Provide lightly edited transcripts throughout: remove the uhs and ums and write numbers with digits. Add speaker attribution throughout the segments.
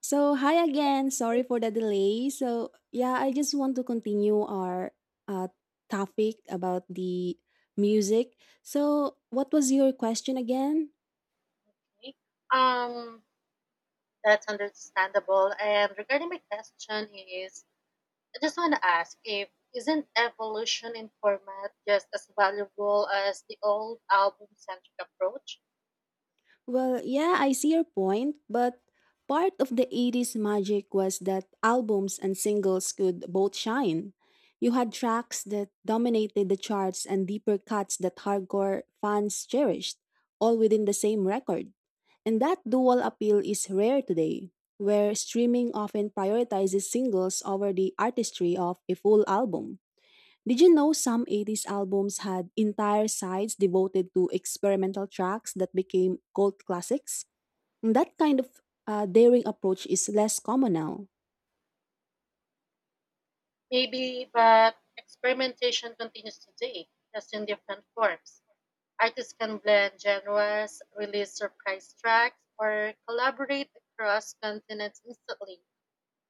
Speaker 1: So, hi again. Sorry for the delay. So, yeah, I just want to continue our uh, topic about the music. So, what was your question again?
Speaker 2: Okay. Um, that's understandable. And regarding my question is, I just want to ask, if isn't evolution in format just as valuable as the old album-centric approach?
Speaker 1: Well, yeah, I see your point, but part of the 80s magic was that albums and singles could both shine. You had tracks that dominated the charts and deeper cuts that hardcore fans cherished, all within the same record. And that dual appeal is rare today, where streaming often prioritizes singles over the artistry of a full album. Did you know some 80s albums had entire sides devoted to experimental tracks that became cult classics? That kind of daring approach is less common now.
Speaker 2: Maybe, but experimentation continues today, just in different forms. Artists can blend genres, release surprise tracks, or collaborate across continents instantly.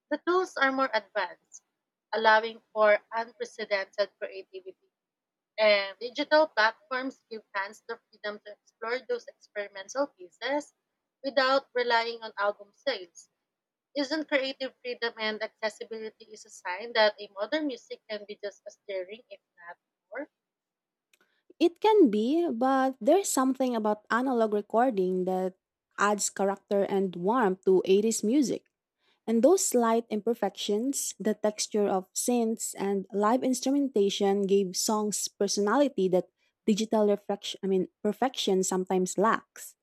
Speaker 2: The tools are more advanced, allowing for unprecedented creativity. And digital platforms give fans the freedom to explore those experimental pieces without relying on album sales. Isn't creative freedom and accessibility is a sign that a modern music can be just as daring, if not more?
Speaker 1: It can be, but there's something about analog recording that adds character and warmth to 80s music. And those slight imperfections, the texture of synths and live instrumentation gave songs personality that digital reflection, I mean, perfection sometimes lacks.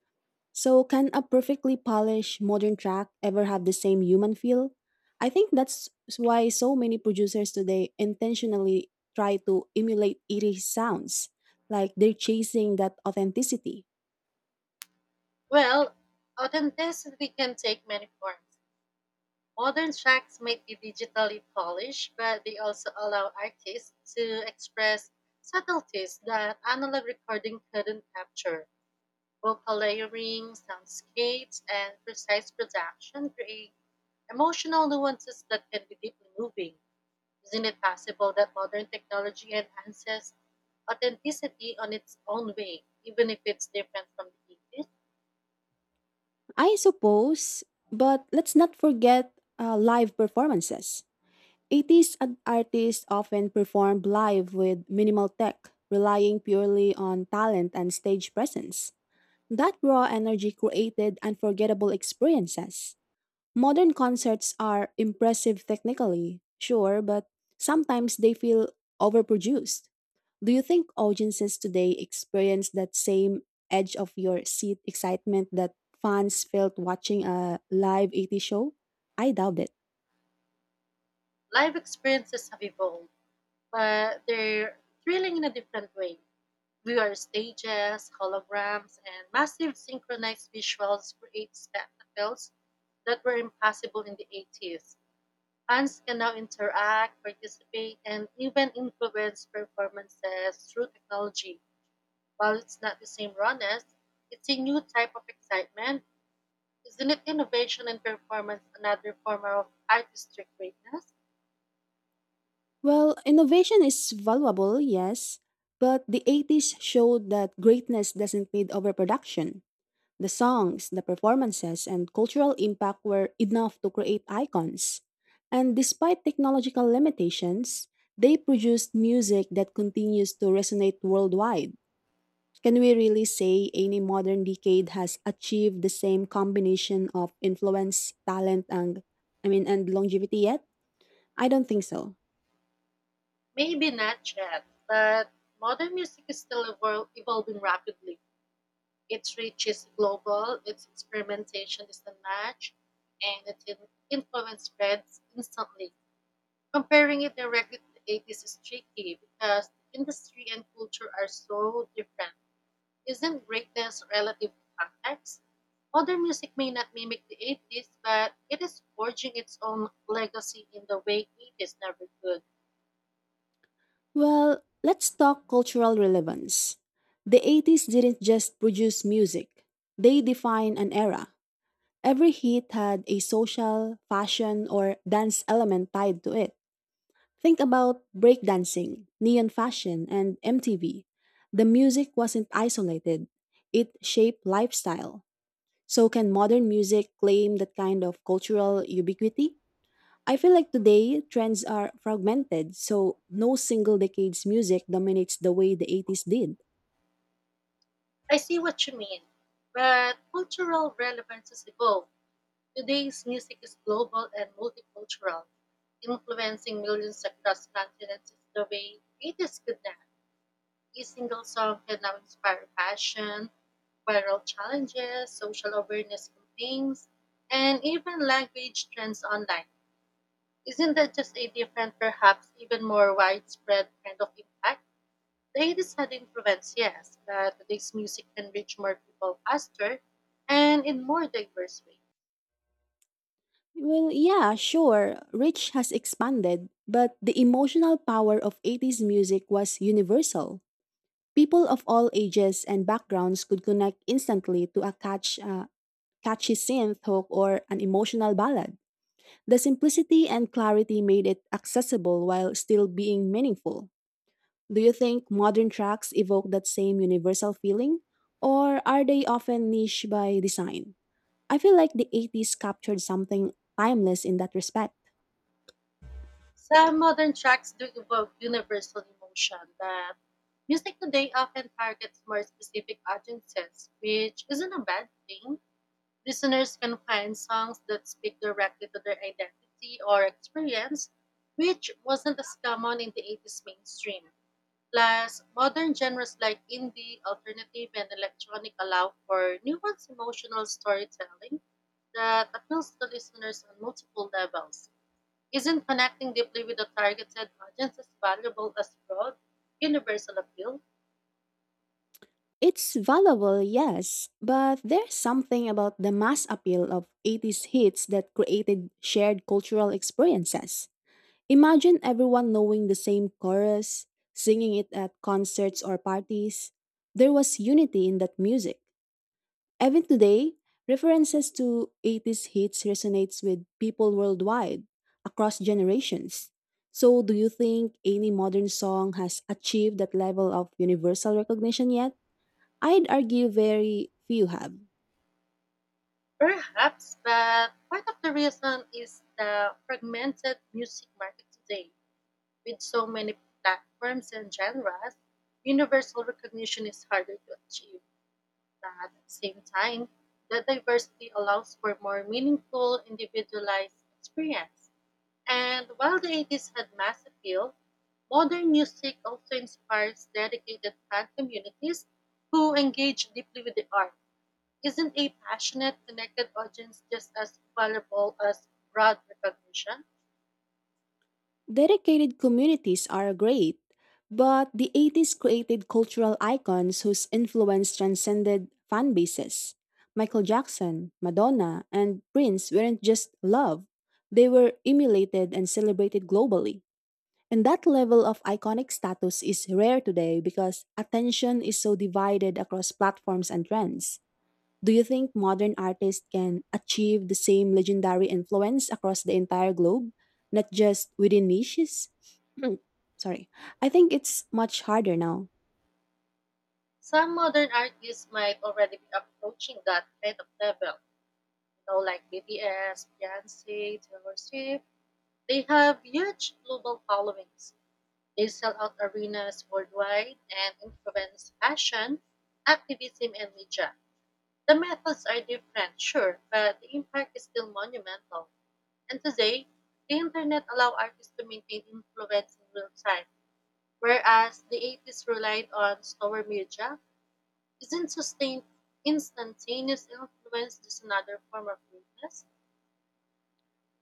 Speaker 1: So can a perfectly polished modern track ever have the same human feel? I think that's why so many producers today intentionally try to emulate eerie sounds, like they're chasing that authenticity.
Speaker 2: Well, authenticity can take many forms. Modern tracks might be digitally polished, but they also allow artists to express subtleties that analog recording couldn't capture. Vocal layering, soundscapes, and precise production create emotional nuances that can be deeply moving. Isn't it possible that modern technology enhances authenticity on its own way, even if it's different from the 80s?
Speaker 1: I suppose, but let's not forget live performances. Artists often performed live with minimal tech, relying purely on talent and stage presence. That raw energy created unforgettable experiences. Modern concerts are impressive technically, sure, but sometimes they feel overproduced. Do you think audiences today experience that same edge of your seat excitement that fans felt watching a live 80s show? I doubt it.
Speaker 2: Live experiences have evolved, but they're thrilling in a different way. VR stages, holograms, and massive synchronized visuals create spectacles that were impossible in the 80s. Fans can now interact, participate, and even influence performances through technology. While it's not the same rawness, it's a new type of excitement. Isn't it innovation and performance another form of artistic greatness?
Speaker 1: Well, innovation is valuable, yes, but the 80s showed that greatness doesn't need overproduction. The songs, the performances, and cultural impact were enough to create icons. And despite technological limitations, they produced music that continues to resonate worldwide. Can we really say any modern decade has achieved the same combination of influence, talent, and longevity yet? I don't think so.
Speaker 2: Maybe not yet, but modern music is still evolving rapidly. Its reach is global, its experimentation is unmatched, and its influence spreads instantly. Comparing it directly to the 80s is tricky because the industry and culture are so different. Isn't greatness relative to context? Modern music may not mimic the 80s, but it is forging its own legacy in the way 80s never could.
Speaker 1: Well, let's talk cultural relevance. The 80s didn't just produce music, they defined an era. Every hit had a social, fashion, or dance element tied to it. Think about breakdancing, neon fashion, and MTV. The music wasn't isolated, it shaped lifestyle. So, can modern music claim that kind of cultural ubiquity? I feel like today trends are fragmented, so no single decade's music dominates the way the 80s did.
Speaker 2: I see what you mean, but cultural relevances evolve. Today's music is global and multicultural, influencing millions across continents in the way 80s could not. Each single song can now inspire passion, viral challenges, social awareness campaigns, and even language trends online. Isn't that just a different, perhaps even more widespread kind of impact? The hate is had influence, yes, but today's music can reach more people faster and in more diverse ways.
Speaker 1: Well, yeah, sure, Rich has expanded, but the emotional power of 80s music was universal. People of all ages and backgrounds could connect instantly to a catchy synth hook or an emotional ballad. The simplicity and clarity made it accessible while still being meaningful. Do you think modern tracks evoke that same universal feeling? Or are they often niche by design? I feel like the 80s captured something timeless in that respect.
Speaker 2: Some modern tracks do evoke universal emotion, but music today often targets more specific audiences, which isn't a bad thing. Listeners can find songs that speak directly to their identity or experience, which wasn't as common in the 80s mainstream. Plus, modern genres like indie, alternative, and electronic allow for nuanced emotional storytelling that appeals to listeners on multiple levels. Isn't connecting deeply with a targeted audience as valuable as broad, universal appeal?
Speaker 1: It's valuable, yes, but there's something about the mass appeal of 80s hits that created shared cultural experiences. Imagine everyone knowing the same chorus, singing it at concerts or parties. There was unity in that music. Even today, references to 80s hits resonates with people worldwide across generations. So, do you think any modern song has achieved that level of universal recognition yet? I'd argue very few have.
Speaker 2: Perhaps, but part of the reason is the fragmented music market today. With so many platforms and genres, universal recognition is harder to achieve. But at the same time, the diversity allows for more meaningful, individualized experience. And while the 80s had mass appeal, modern music also inspires dedicated fan communities who engage deeply with the art. Isn't a passionate, connected audience just as valuable as broad recognition?
Speaker 1: Dedicated communities are great, but the 80s created cultural icons whose influence transcended fan bases. Michael Jackson, Madonna, and Prince weren't just loved, they were emulated and celebrated globally. And that level of iconic status is rare today because attention is so divided across platforms and trends. Do you think modern artists can achieve the same legendary influence across the entire globe, not just within niches? Sorry. I think it's much harder now.
Speaker 2: Some modern artists might already be approaching that kind of level. You know, like BTS, Beyonce, Taylor Swift. They have huge global followings. They sell out arenas worldwide and influence fashion, activism, and media. The methods are different, sure, but the impact is still monumental. And today, the internet allows artists to maintain influence in real time, whereas the 80s relied on slower media. Isn't sustained, instantaneous influence just another form of greatness?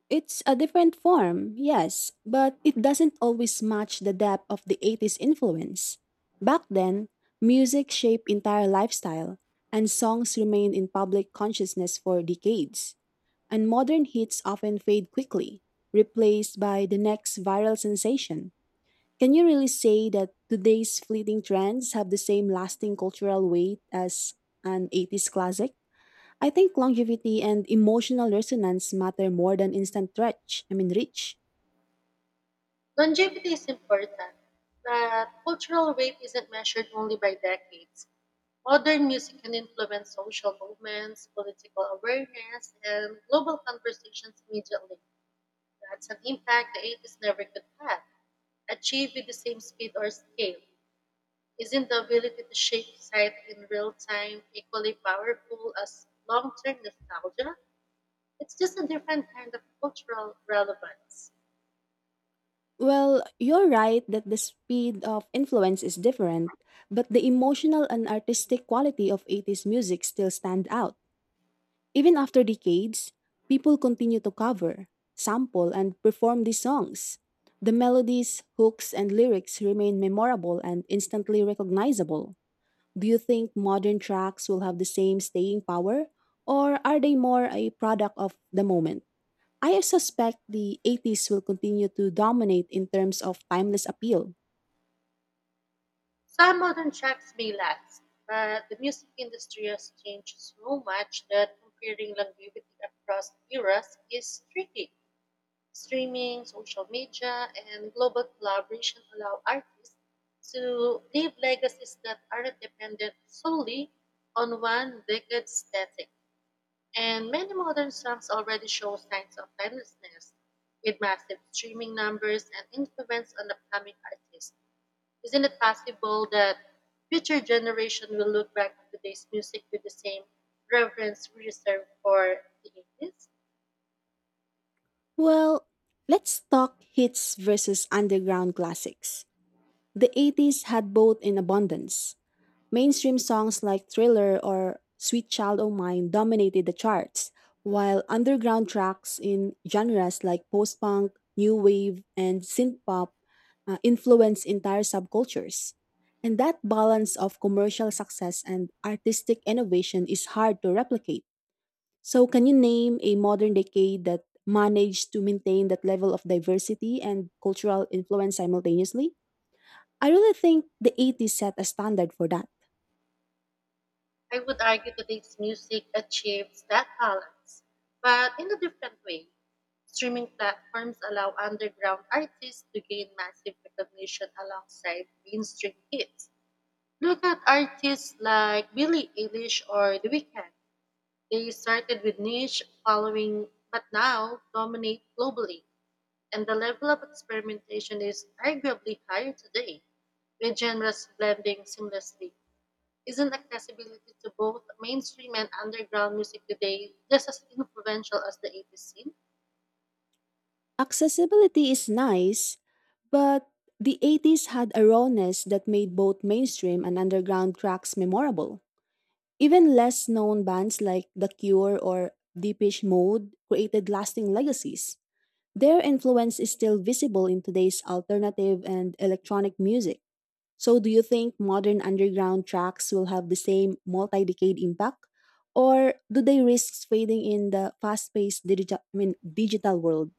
Speaker 1: It's a different form, yes, but it doesn't always match the depth of the 80s influence. Back then, music shaped entire lifestyle, and songs remained in public consciousness for decades. And modern hits often fade quickly, replaced by the next viral sensation. Can you really say that today's fleeting trends have the same lasting cultural weight as an 80s classic? I think longevity and emotional resonance matter more than instant reach.
Speaker 2: Longevity is important, but cultural weight isn't measured only by decades. Modern music can influence social movements, political awareness, and global conversations immediately. That's an impact the 80s never could have achieved with the same speed or scale. Isn't the ability to shape society in real time equally powerful as long term nostalgia? It's just a different kind of cultural relevance.
Speaker 1: Well, you're right that the speed of influence is different, but the emotional and artistic quality of 80s music still stand out. Even after decades, people continue to cover, sample, and perform these songs. The melodies, hooks, and lyrics remain memorable and instantly recognizable. Do you think modern tracks will have the same staying power, or are they more a product of the moment? I suspect the 80s will continue to dominate in terms of timeless appeal.
Speaker 2: Some modern tracks may last, but the music industry has changed so much that comparing longevity across eras is tricky. Streaming, social media, and global collaboration allow artists to leave legacies that aren't dependent solely on one decade's static. And many modern songs already show signs of timelessness, with massive streaming numbers and influence on upcoming artists. Isn't it possible that future generation will look back at today's music with the same reverence we reserve for the 80s?
Speaker 1: Well, let's talk hits versus underground classics. The 80s had both in abundance. Mainstream songs like Thriller or Sweet Child O' Mine dominated the charts, while underground tracks in genres like post punk, new wave, and synth pop influenced entire subcultures. And that balance of commercial success and artistic innovation is hard to replicate. So, can you name a modern decade that managed to maintain that level of diversity and cultural influence simultaneously? I really think the 80s set a standard for that.
Speaker 2: I would argue today's music achieves that balance, but in a different way. Streaming platforms allow underground artists to gain massive recognition alongside mainstream hits. Look at artists like Billie Eilish or The Weeknd. They started with niche following but now dominate globally, and the level of experimentation is arguably higher today, with genres blending seamlessly. Isn't accessibility to both mainstream and underground music today just as influential as the 80s scene?
Speaker 1: Accessibility is nice, but the 80s had a rawness that made both mainstream and underground tracks memorable. Even less known bands like The Cure or Deepish Mode created lasting legacies. Their influence is still visible in today's alternative and electronic music. So, do you think modern underground tracks will have the same multi decade impact? Or do they risk fading in the fast paced digital world?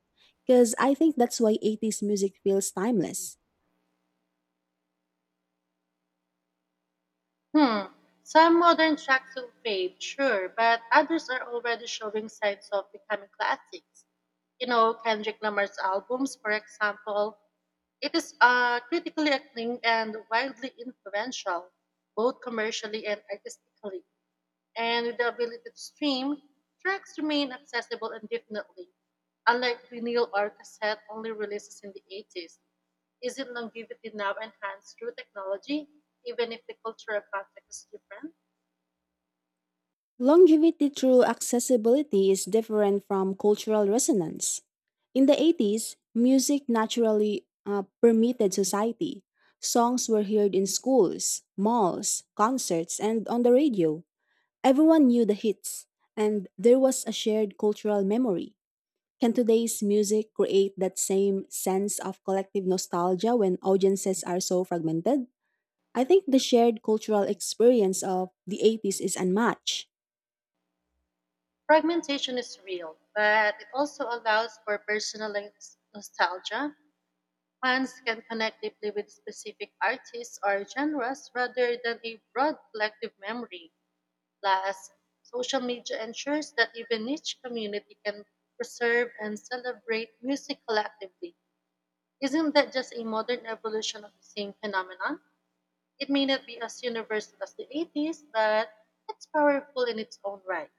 Speaker 1: Because I think that's why 80s music feels timeless.
Speaker 2: Hmm. Some modern tracks will fade, sure, but others are already showing signs of becoming classics. You know, Kendrick Lamar's albums, for example, it is critically acclaimed and widely influential, both commercially and artistically. And with the ability to stream, tracks remain accessible indefinitely, unlike vinyl or cassette only releases in the 80s. Is it longevity now enhanced through technology, even if the cultural context is different?
Speaker 1: Longevity through accessibility is different from cultural resonance. In the 80s, music naturally permeated society. Songs were heard in schools, malls, concerts, and on the radio. Everyone knew the hits, and there was a shared cultural memory. Can today's music create that same sense of collective nostalgia when audiences are so fragmented? I think the shared cultural experience of the 80s is unmatched.
Speaker 2: Fragmentation is real, but it also allows for personal nostalgia. Fans can connect deeply with specific artists or genres rather than a broad collective memory. Plus, social media ensures that even niche community can preserve and celebrate music collectively. Isn't that just a modern evolution of the same phenomenon? It may not be as universal as the 80s, but it's powerful in its own right.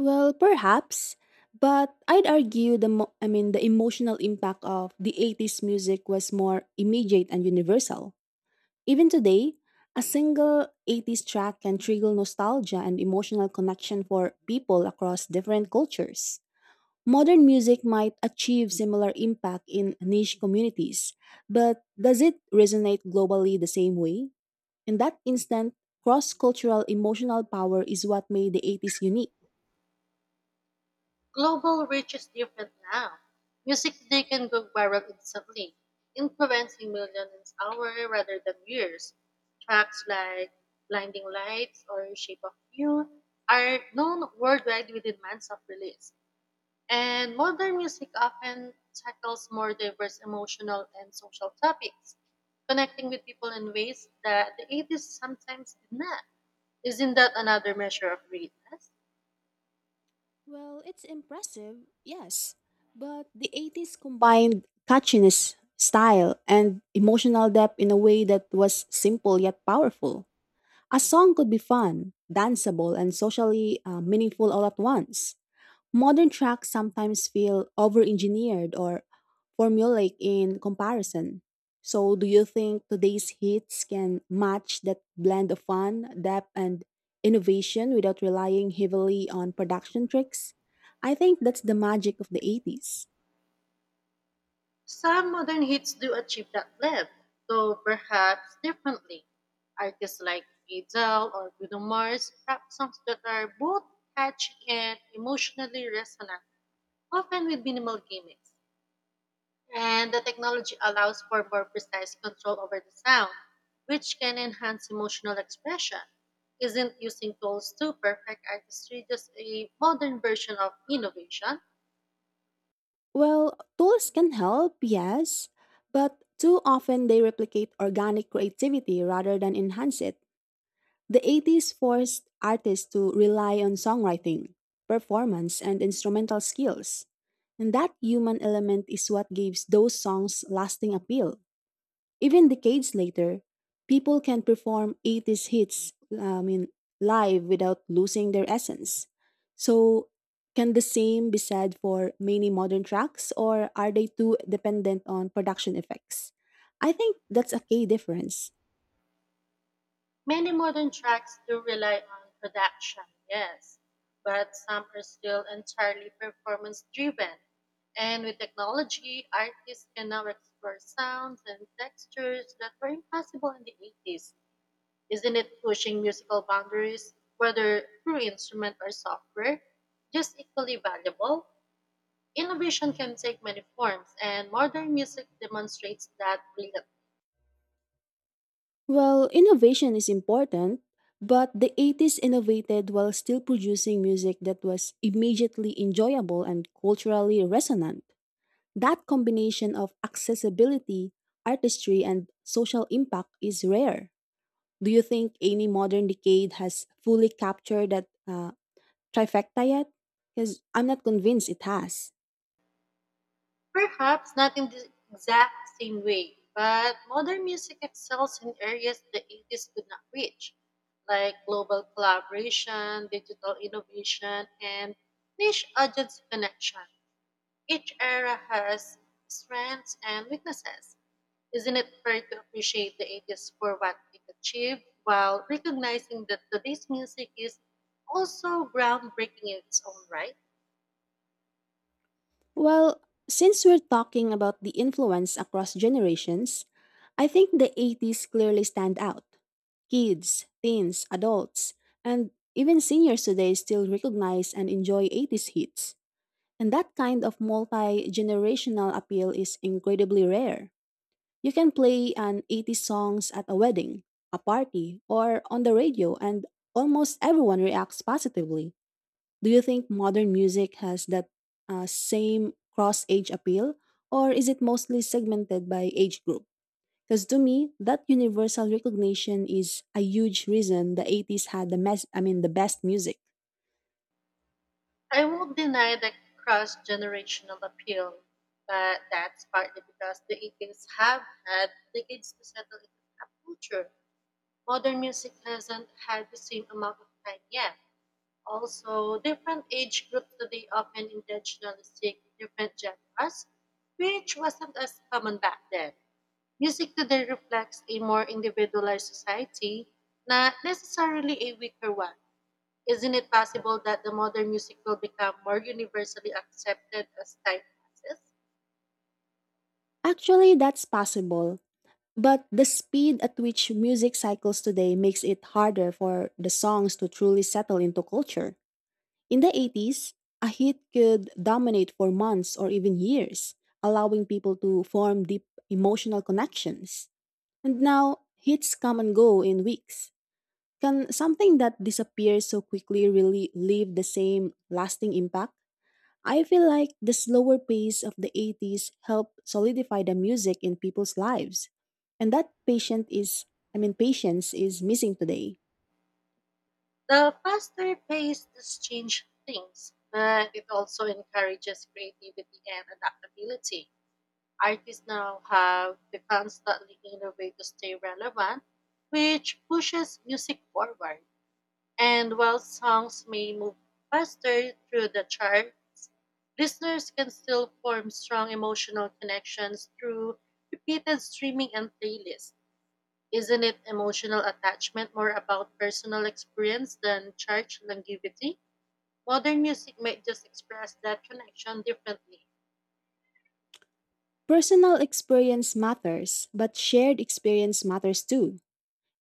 Speaker 1: Well, perhaps, but I'd argue the mo- I mean the emotional impact of the 80s music was more immediate and universal. Even today, a single 80s track can trigger nostalgia and emotional connection for people across different cultures. Modern music might achieve similar impact in niche communities, but does it resonate globally the same way? In that instant, cross cultural emotional power is what made the 80s unique.
Speaker 2: Global reach is different now. Music today can go viral instantly, influencing millions in hours rather than years. Tracks like Blinding Lights or Shape of You are known worldwide within months of release. And modern music often tackles more diverse emotional and social topics, connecting with people in ways that the 80s sometimes did not. Isn't that another measure of greatness?
Speaker 1: Well, it's impressive, yes, but the 80s combined catchiness, style, and emotional depth in a way that was simple yet powerful. A song could be fun, danceable, and socially meaningful all at once. Modern tracks sometimes feel over engineered or formulaic in comparison. So, do you think today's hits can match that blend of fun, depth, and innovation without relying heavily on production tricks? I think that's the magic of the 80s.
Speaker 2: Some modern hits do achieve that level, though perhaps differently. Artists like Adele or Bruno Mars rap songs that are both catchy and emotionally resonant, often with minimal gimmicks. And the technology allows for more precise control over the sound, which can enhance emotional expression. Isn't using tools to perfect artistry just a modern version of innovation?
Speaker 1: Well, tools can help, yes, but too often they replicate organic creativity rather than enhance it. The 80s forced artists to rely on songwriting, performance, and instrumental skills. And that human element is what gives those songs lasting appeal. Even decades later, people can perform 80s hits live without losing their essence. So, can the same be said for many modern tracks, or are they too dependent on production effects? I think that's a key difference.
Speaker 2: Many modern tracks do rely on production, yes, but some are still entirely performance driven. And with technology, artists can now explore sounds and textures that were impossible in the 80s. Isn't it pushing musical boundaries, whether through instrument or software, just equally valuable? Innovation can take many forms, and modern music demonstrates that brilliantly.
Speaker 1: Well, innovation is important, but the 80s innovated while still producing music that was immediately enjoyable and culturally resonant. That combination of accessibility, artistry, and social impact is rare. Do you think any modern decade has fully captured that trifecta yet? Because I'm not convinced it has.
Speaker 2: Perhaps not in the exact same way, but modern music excels in areas the 80s could not reach, like global collaboration, digital innovation, and niche audience connection. Each era has strengths and weaknesses. Isn't it fair to appreciate the 80s for what it achieved while recognizing that today's music is also groundbreaking in its own right?
Speaker 1: Well, since we're talking about the influence across generations, I think the 80s clearly stand out. Kids, teens, adults, and even seniors today still recognize and enjoy 80s hits. And that kind of multi generational appeal is incredibly rare. You can play an 80s songs at a wedding, a party, or on the radio, and almost everyone reacts positively. Do you think modern music has that same cross age appeal, or is it mostly segmented by age group? Because to me, that universal recognition is a huge reason the 80s had the mes- I mean the best music.
Speaker 2: I won't deny the cross generational appeal, but that's partly because the Indians have had decades to settle into pop culture. Modern music hasn't had the same amount of time yet. Also, different age groups today often intentionally seek different genres, which wasn't as common back then. Music today reflects a more individualized society, not necessarily a weaker one. Isn't it possible that the modern music will become more universally accepted as time passes?
Speaker 1: Actually, that's possible, but the speed at which music cycles today makes it harder for the songs to truly settle into culture. In the 80s, a hit could dominate for months or even years, allowing people to form deep emotional connections. And now, hits come and go in weeks. Can something that disappears so quickly really leave the same lasting impact? I feel like the slower pace of the 80s helped solidify the music in people's lives. And that patient is I mean patience is missing today.
Speaker 2: The faster pace does change things, but it also encourages creativity and adaptability. Artists now have to constantly innovate to stay relevant, which pushes music forward. And while songs may move faster through the charts, listeners can still form strong emotional connections through repeated streaming and playlists. Isn't it emotional attachment more about personal experience than chart longevity? Modern music might just express that connection differently.
Speaker 1: Personal experience matters, but shared experience matters too.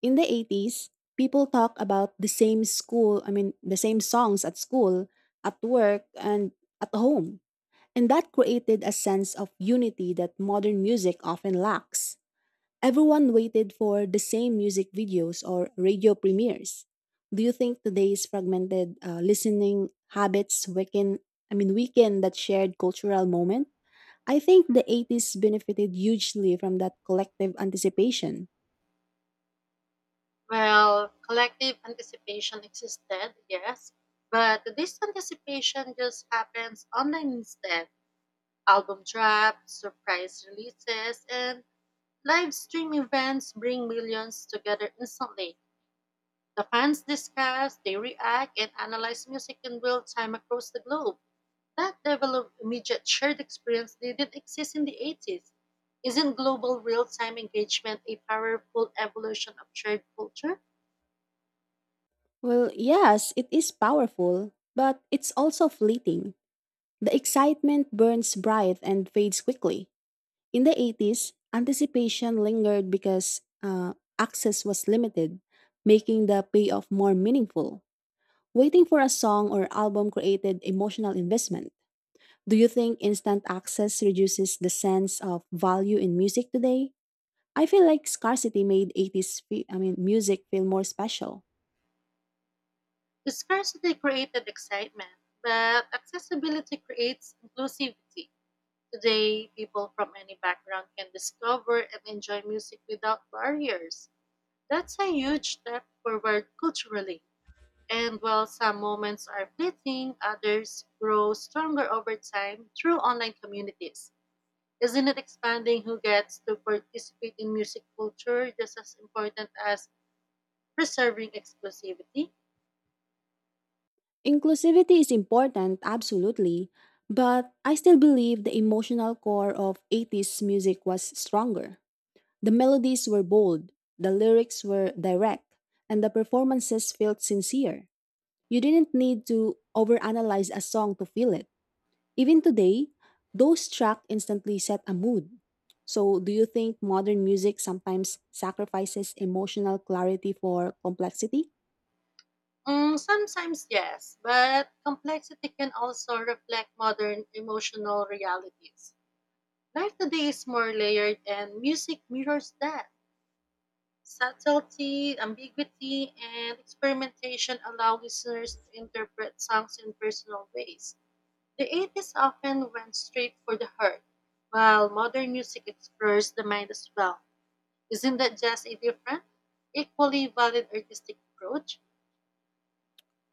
Speaker 1: In the 80s, people talk about the same songs at school, at work and at home. And that created a sense of unity that modern music often lacks. Everyone waited for the same music videos or radio premieres. Do you think today's fragmented listening habits weaken, I mean, weaken that shared cultural moment? I think the 80s benefited hugely from that collective anticipation.
Speaker 2: Well, collective anticipation existed, yes, but this anticipation just happens online instead. Album drops, surprise releases, and live stream events bring millions together instantly. The fans discuss, they react, and analyze music in real time across the globe. That level of immediate shared experience didn't exist in the 80s. Isn't global real time engagement a powerful evolution of shared culture?
Speaker 1: Well, yes, it is powerful, but it's also fleeting. The excitement burns bright and fades quickly. In the 80s, anticipation lingered because access was limited, making the payoff more meaningful. Waiting for a song or album created emotional investment. Do you think instant access reduces the sense of value in music today? I feel like scarcity made 80s fe- I mean music feel more special.
Speaker 2: Scarcity created excitement, but accessibility creates inclusivity. Today, people from any background can discover and enjoy music without barriers. That's a huge step forward culturally. And while some moments are fleeting, others grow stronger over time through online communities. Isn't it expanding who gets to participate in music culture just as important as preserving exclusivity?
Speaker 1: Inclusivity is important, absolutely, but I still believe the emotional core of 80s music was stronger. The melodies were bold, the lyrics were direct, and the performances felt sincere. You didn't need to overanalyze a song to feel it. Even today, those tracks instantly set a mood. So, do you think modern music sometimes sacrifices emotional clarity for complexity?
Speaker 2: Mm, sometimes yes, but complexity can also reflect modern emotional realities. Life today is more layered, and music mirrors that. Subtlety, ambiguity, and experimentation allow listeners to interpret songs in personal ways. The 80s often went straight for the heart, while modern music explores the mind as well. Isn't that just a different, equally valid artistic approach?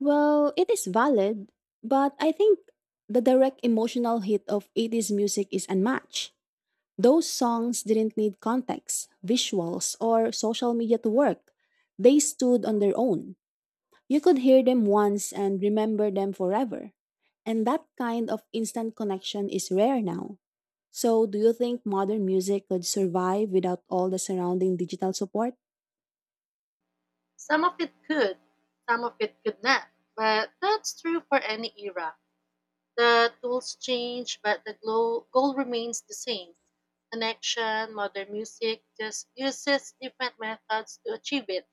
Speaker 1: Well, it is valid, but I think the direct emotional hit of 80s music is unmatched. Those songs didn't need context, visuals, or social media to work. They stood on their own. You could hear them once and remember them forever. And that kind of instant connection is rare now. So, do you think modern music could survive without all the surrounding digital support?
Speaker 2: Some of it could, some of it could not, but that's true for any era. The tools change, but the goal remains the same. Connection, modern music just uses different methods to achieve it.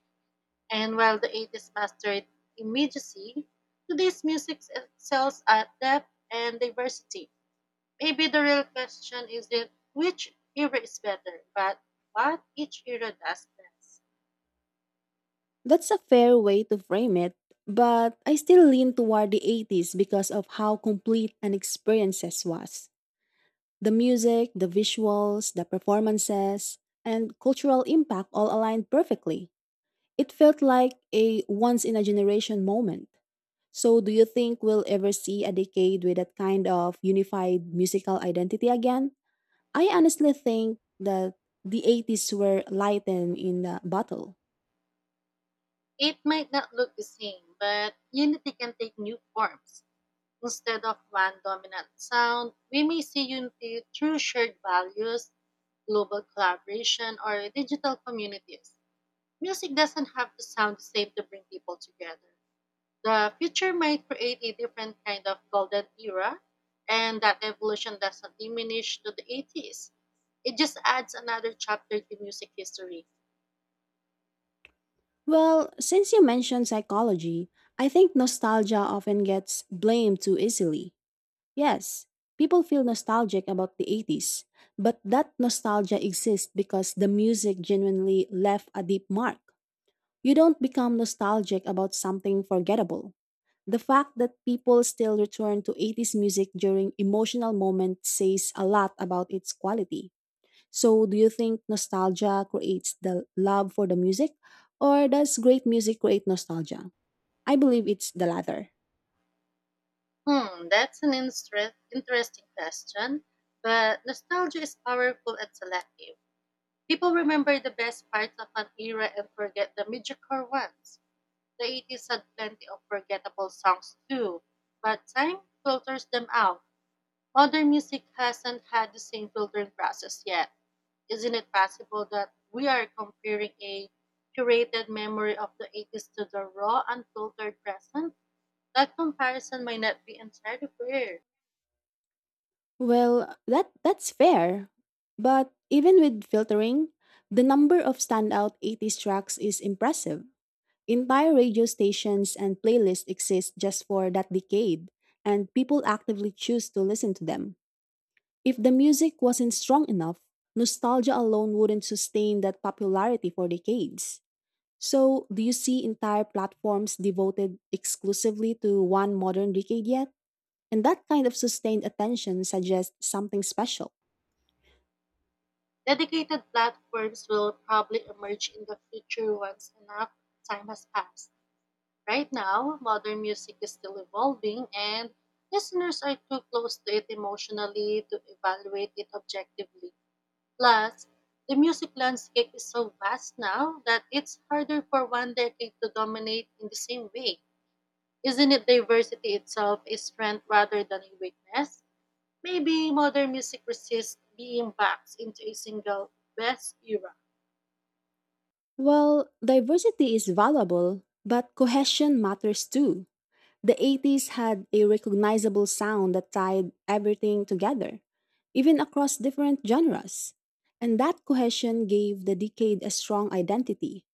Speaker 2: And while the 80s mastered immediacy, today's music excels at depth and diversity. Maybe the real question isn't which era is better, but what each era does best.
Speaker 1: That's a fair way to frame it, but I still lean toward the 80s because of how complete an experiences was. The music, the visuals, the performances, and cultural impact all aligned perfectly. It felt like a once in a generation moment. So, do you think we'll ever see a decade with that kind of unified musical identity again? I honestly think that the 80s were lightened in the battle.
Speaker 2: It might not look the same, but unity can take new forms. Instead of one dominant sound, we may see unity through shared values, global collaboration, or digital communities. Music doesn't have to sound the same to bring people together. The future might create a different kind of golden era, and that evolution doesn't diminish to the 80s. It just adds another chapter to music history.
Speaker 1: Well, since you mentioned psychology, I think nostalgia often gets blamed too easily. Yes, people feel nostalgic about the 80s, but that nostalgia exists because the music genuinely left a deep mark. You don't become nostalgic about something forgettable. The fact that people still return to 80s music during emotional moments says a lot about its quality. So, do you think nostalgia creates the love for the music, or does great music create nostalgia? I believe it's the latter.
Speaker 2: Hmm, that's an interesting question, but nostalgia is powerful and selective. People remember the best parts of an era and forget the mediocre ones. The 80s had plenty of forgettable songs too, but time filters them out. Modern music hasn't had the same filtering process yet. Isn't it possible that we are comparing a curated memory of the 80s to the raw, unfiltered present? That comparison might not be entirely fair.
Speaker 1: Well, that's fair. But even with filtering, the number of standout 80s tracks is impressive. Entire radio stations and playlists exist just for that decade, and people actively choose to listen to them. If the music wasn't strong enough, nostalgia alone wouldn't sustain that popularity for decades. So, do you see entire platforms devoted exclusively to one modern decade yet? And that kind of sustained attention suggests something special.
Speaker 2: Dedicated platforms will probably emerge in the future once enough time has passed. Right now, modern music is still evolving, and listeners are too close to it emotionally to evaluate it objectively. Plus, the music landscape is so vast now that it's harder for one decade to dominate in the same way. Isn't it diversity itself a strength rather than a weakness? Maybe modern music resists being boxed into a single best era.
Speaker 1: Well, diversity is valuable, but cohesion matters too. The 80s had a recognizable sound that tied everything together, even across different genres. And that cohesion gave the decade a strong identity.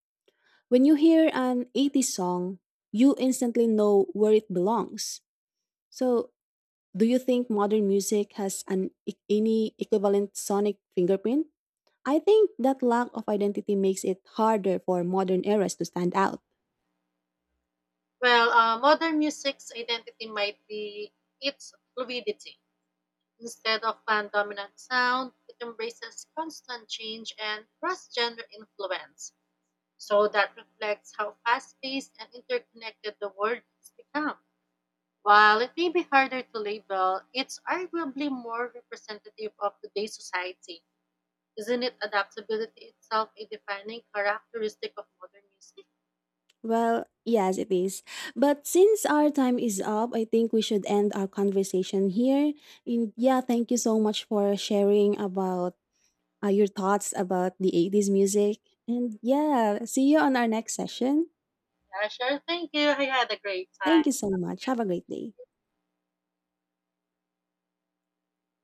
Speaker 1: When you hear an 80s song, you instantly know where it belongs. So, do you think modern music has any equivalent sonic fingerprint? I think that lack of identity makes it harder for modern eras to stand out.
Speaker 2: Well, modern music's identity might be its fluidity. Instead of one dominant sound, it embraces constant change and cross genre influence. So that reflects how fast paced and interconnected the world has become. While it may be harder to label, it's arguably more representative of today's society. Isn't it adaptability itself a defining characteristic of modern music?
Speaker 1: Well, yes, it is. But since our time is up, I think we should end our conversation here. And yeah, thank you so much for sharing about your thoughts about the 80s music. And yeah, see you on our next session.
Speaker 2: Yeah, sure. Thank you. I had a great
Speaker 1: Thank
Speaker 2: time.
Speaker 1: you so much. Have a great day.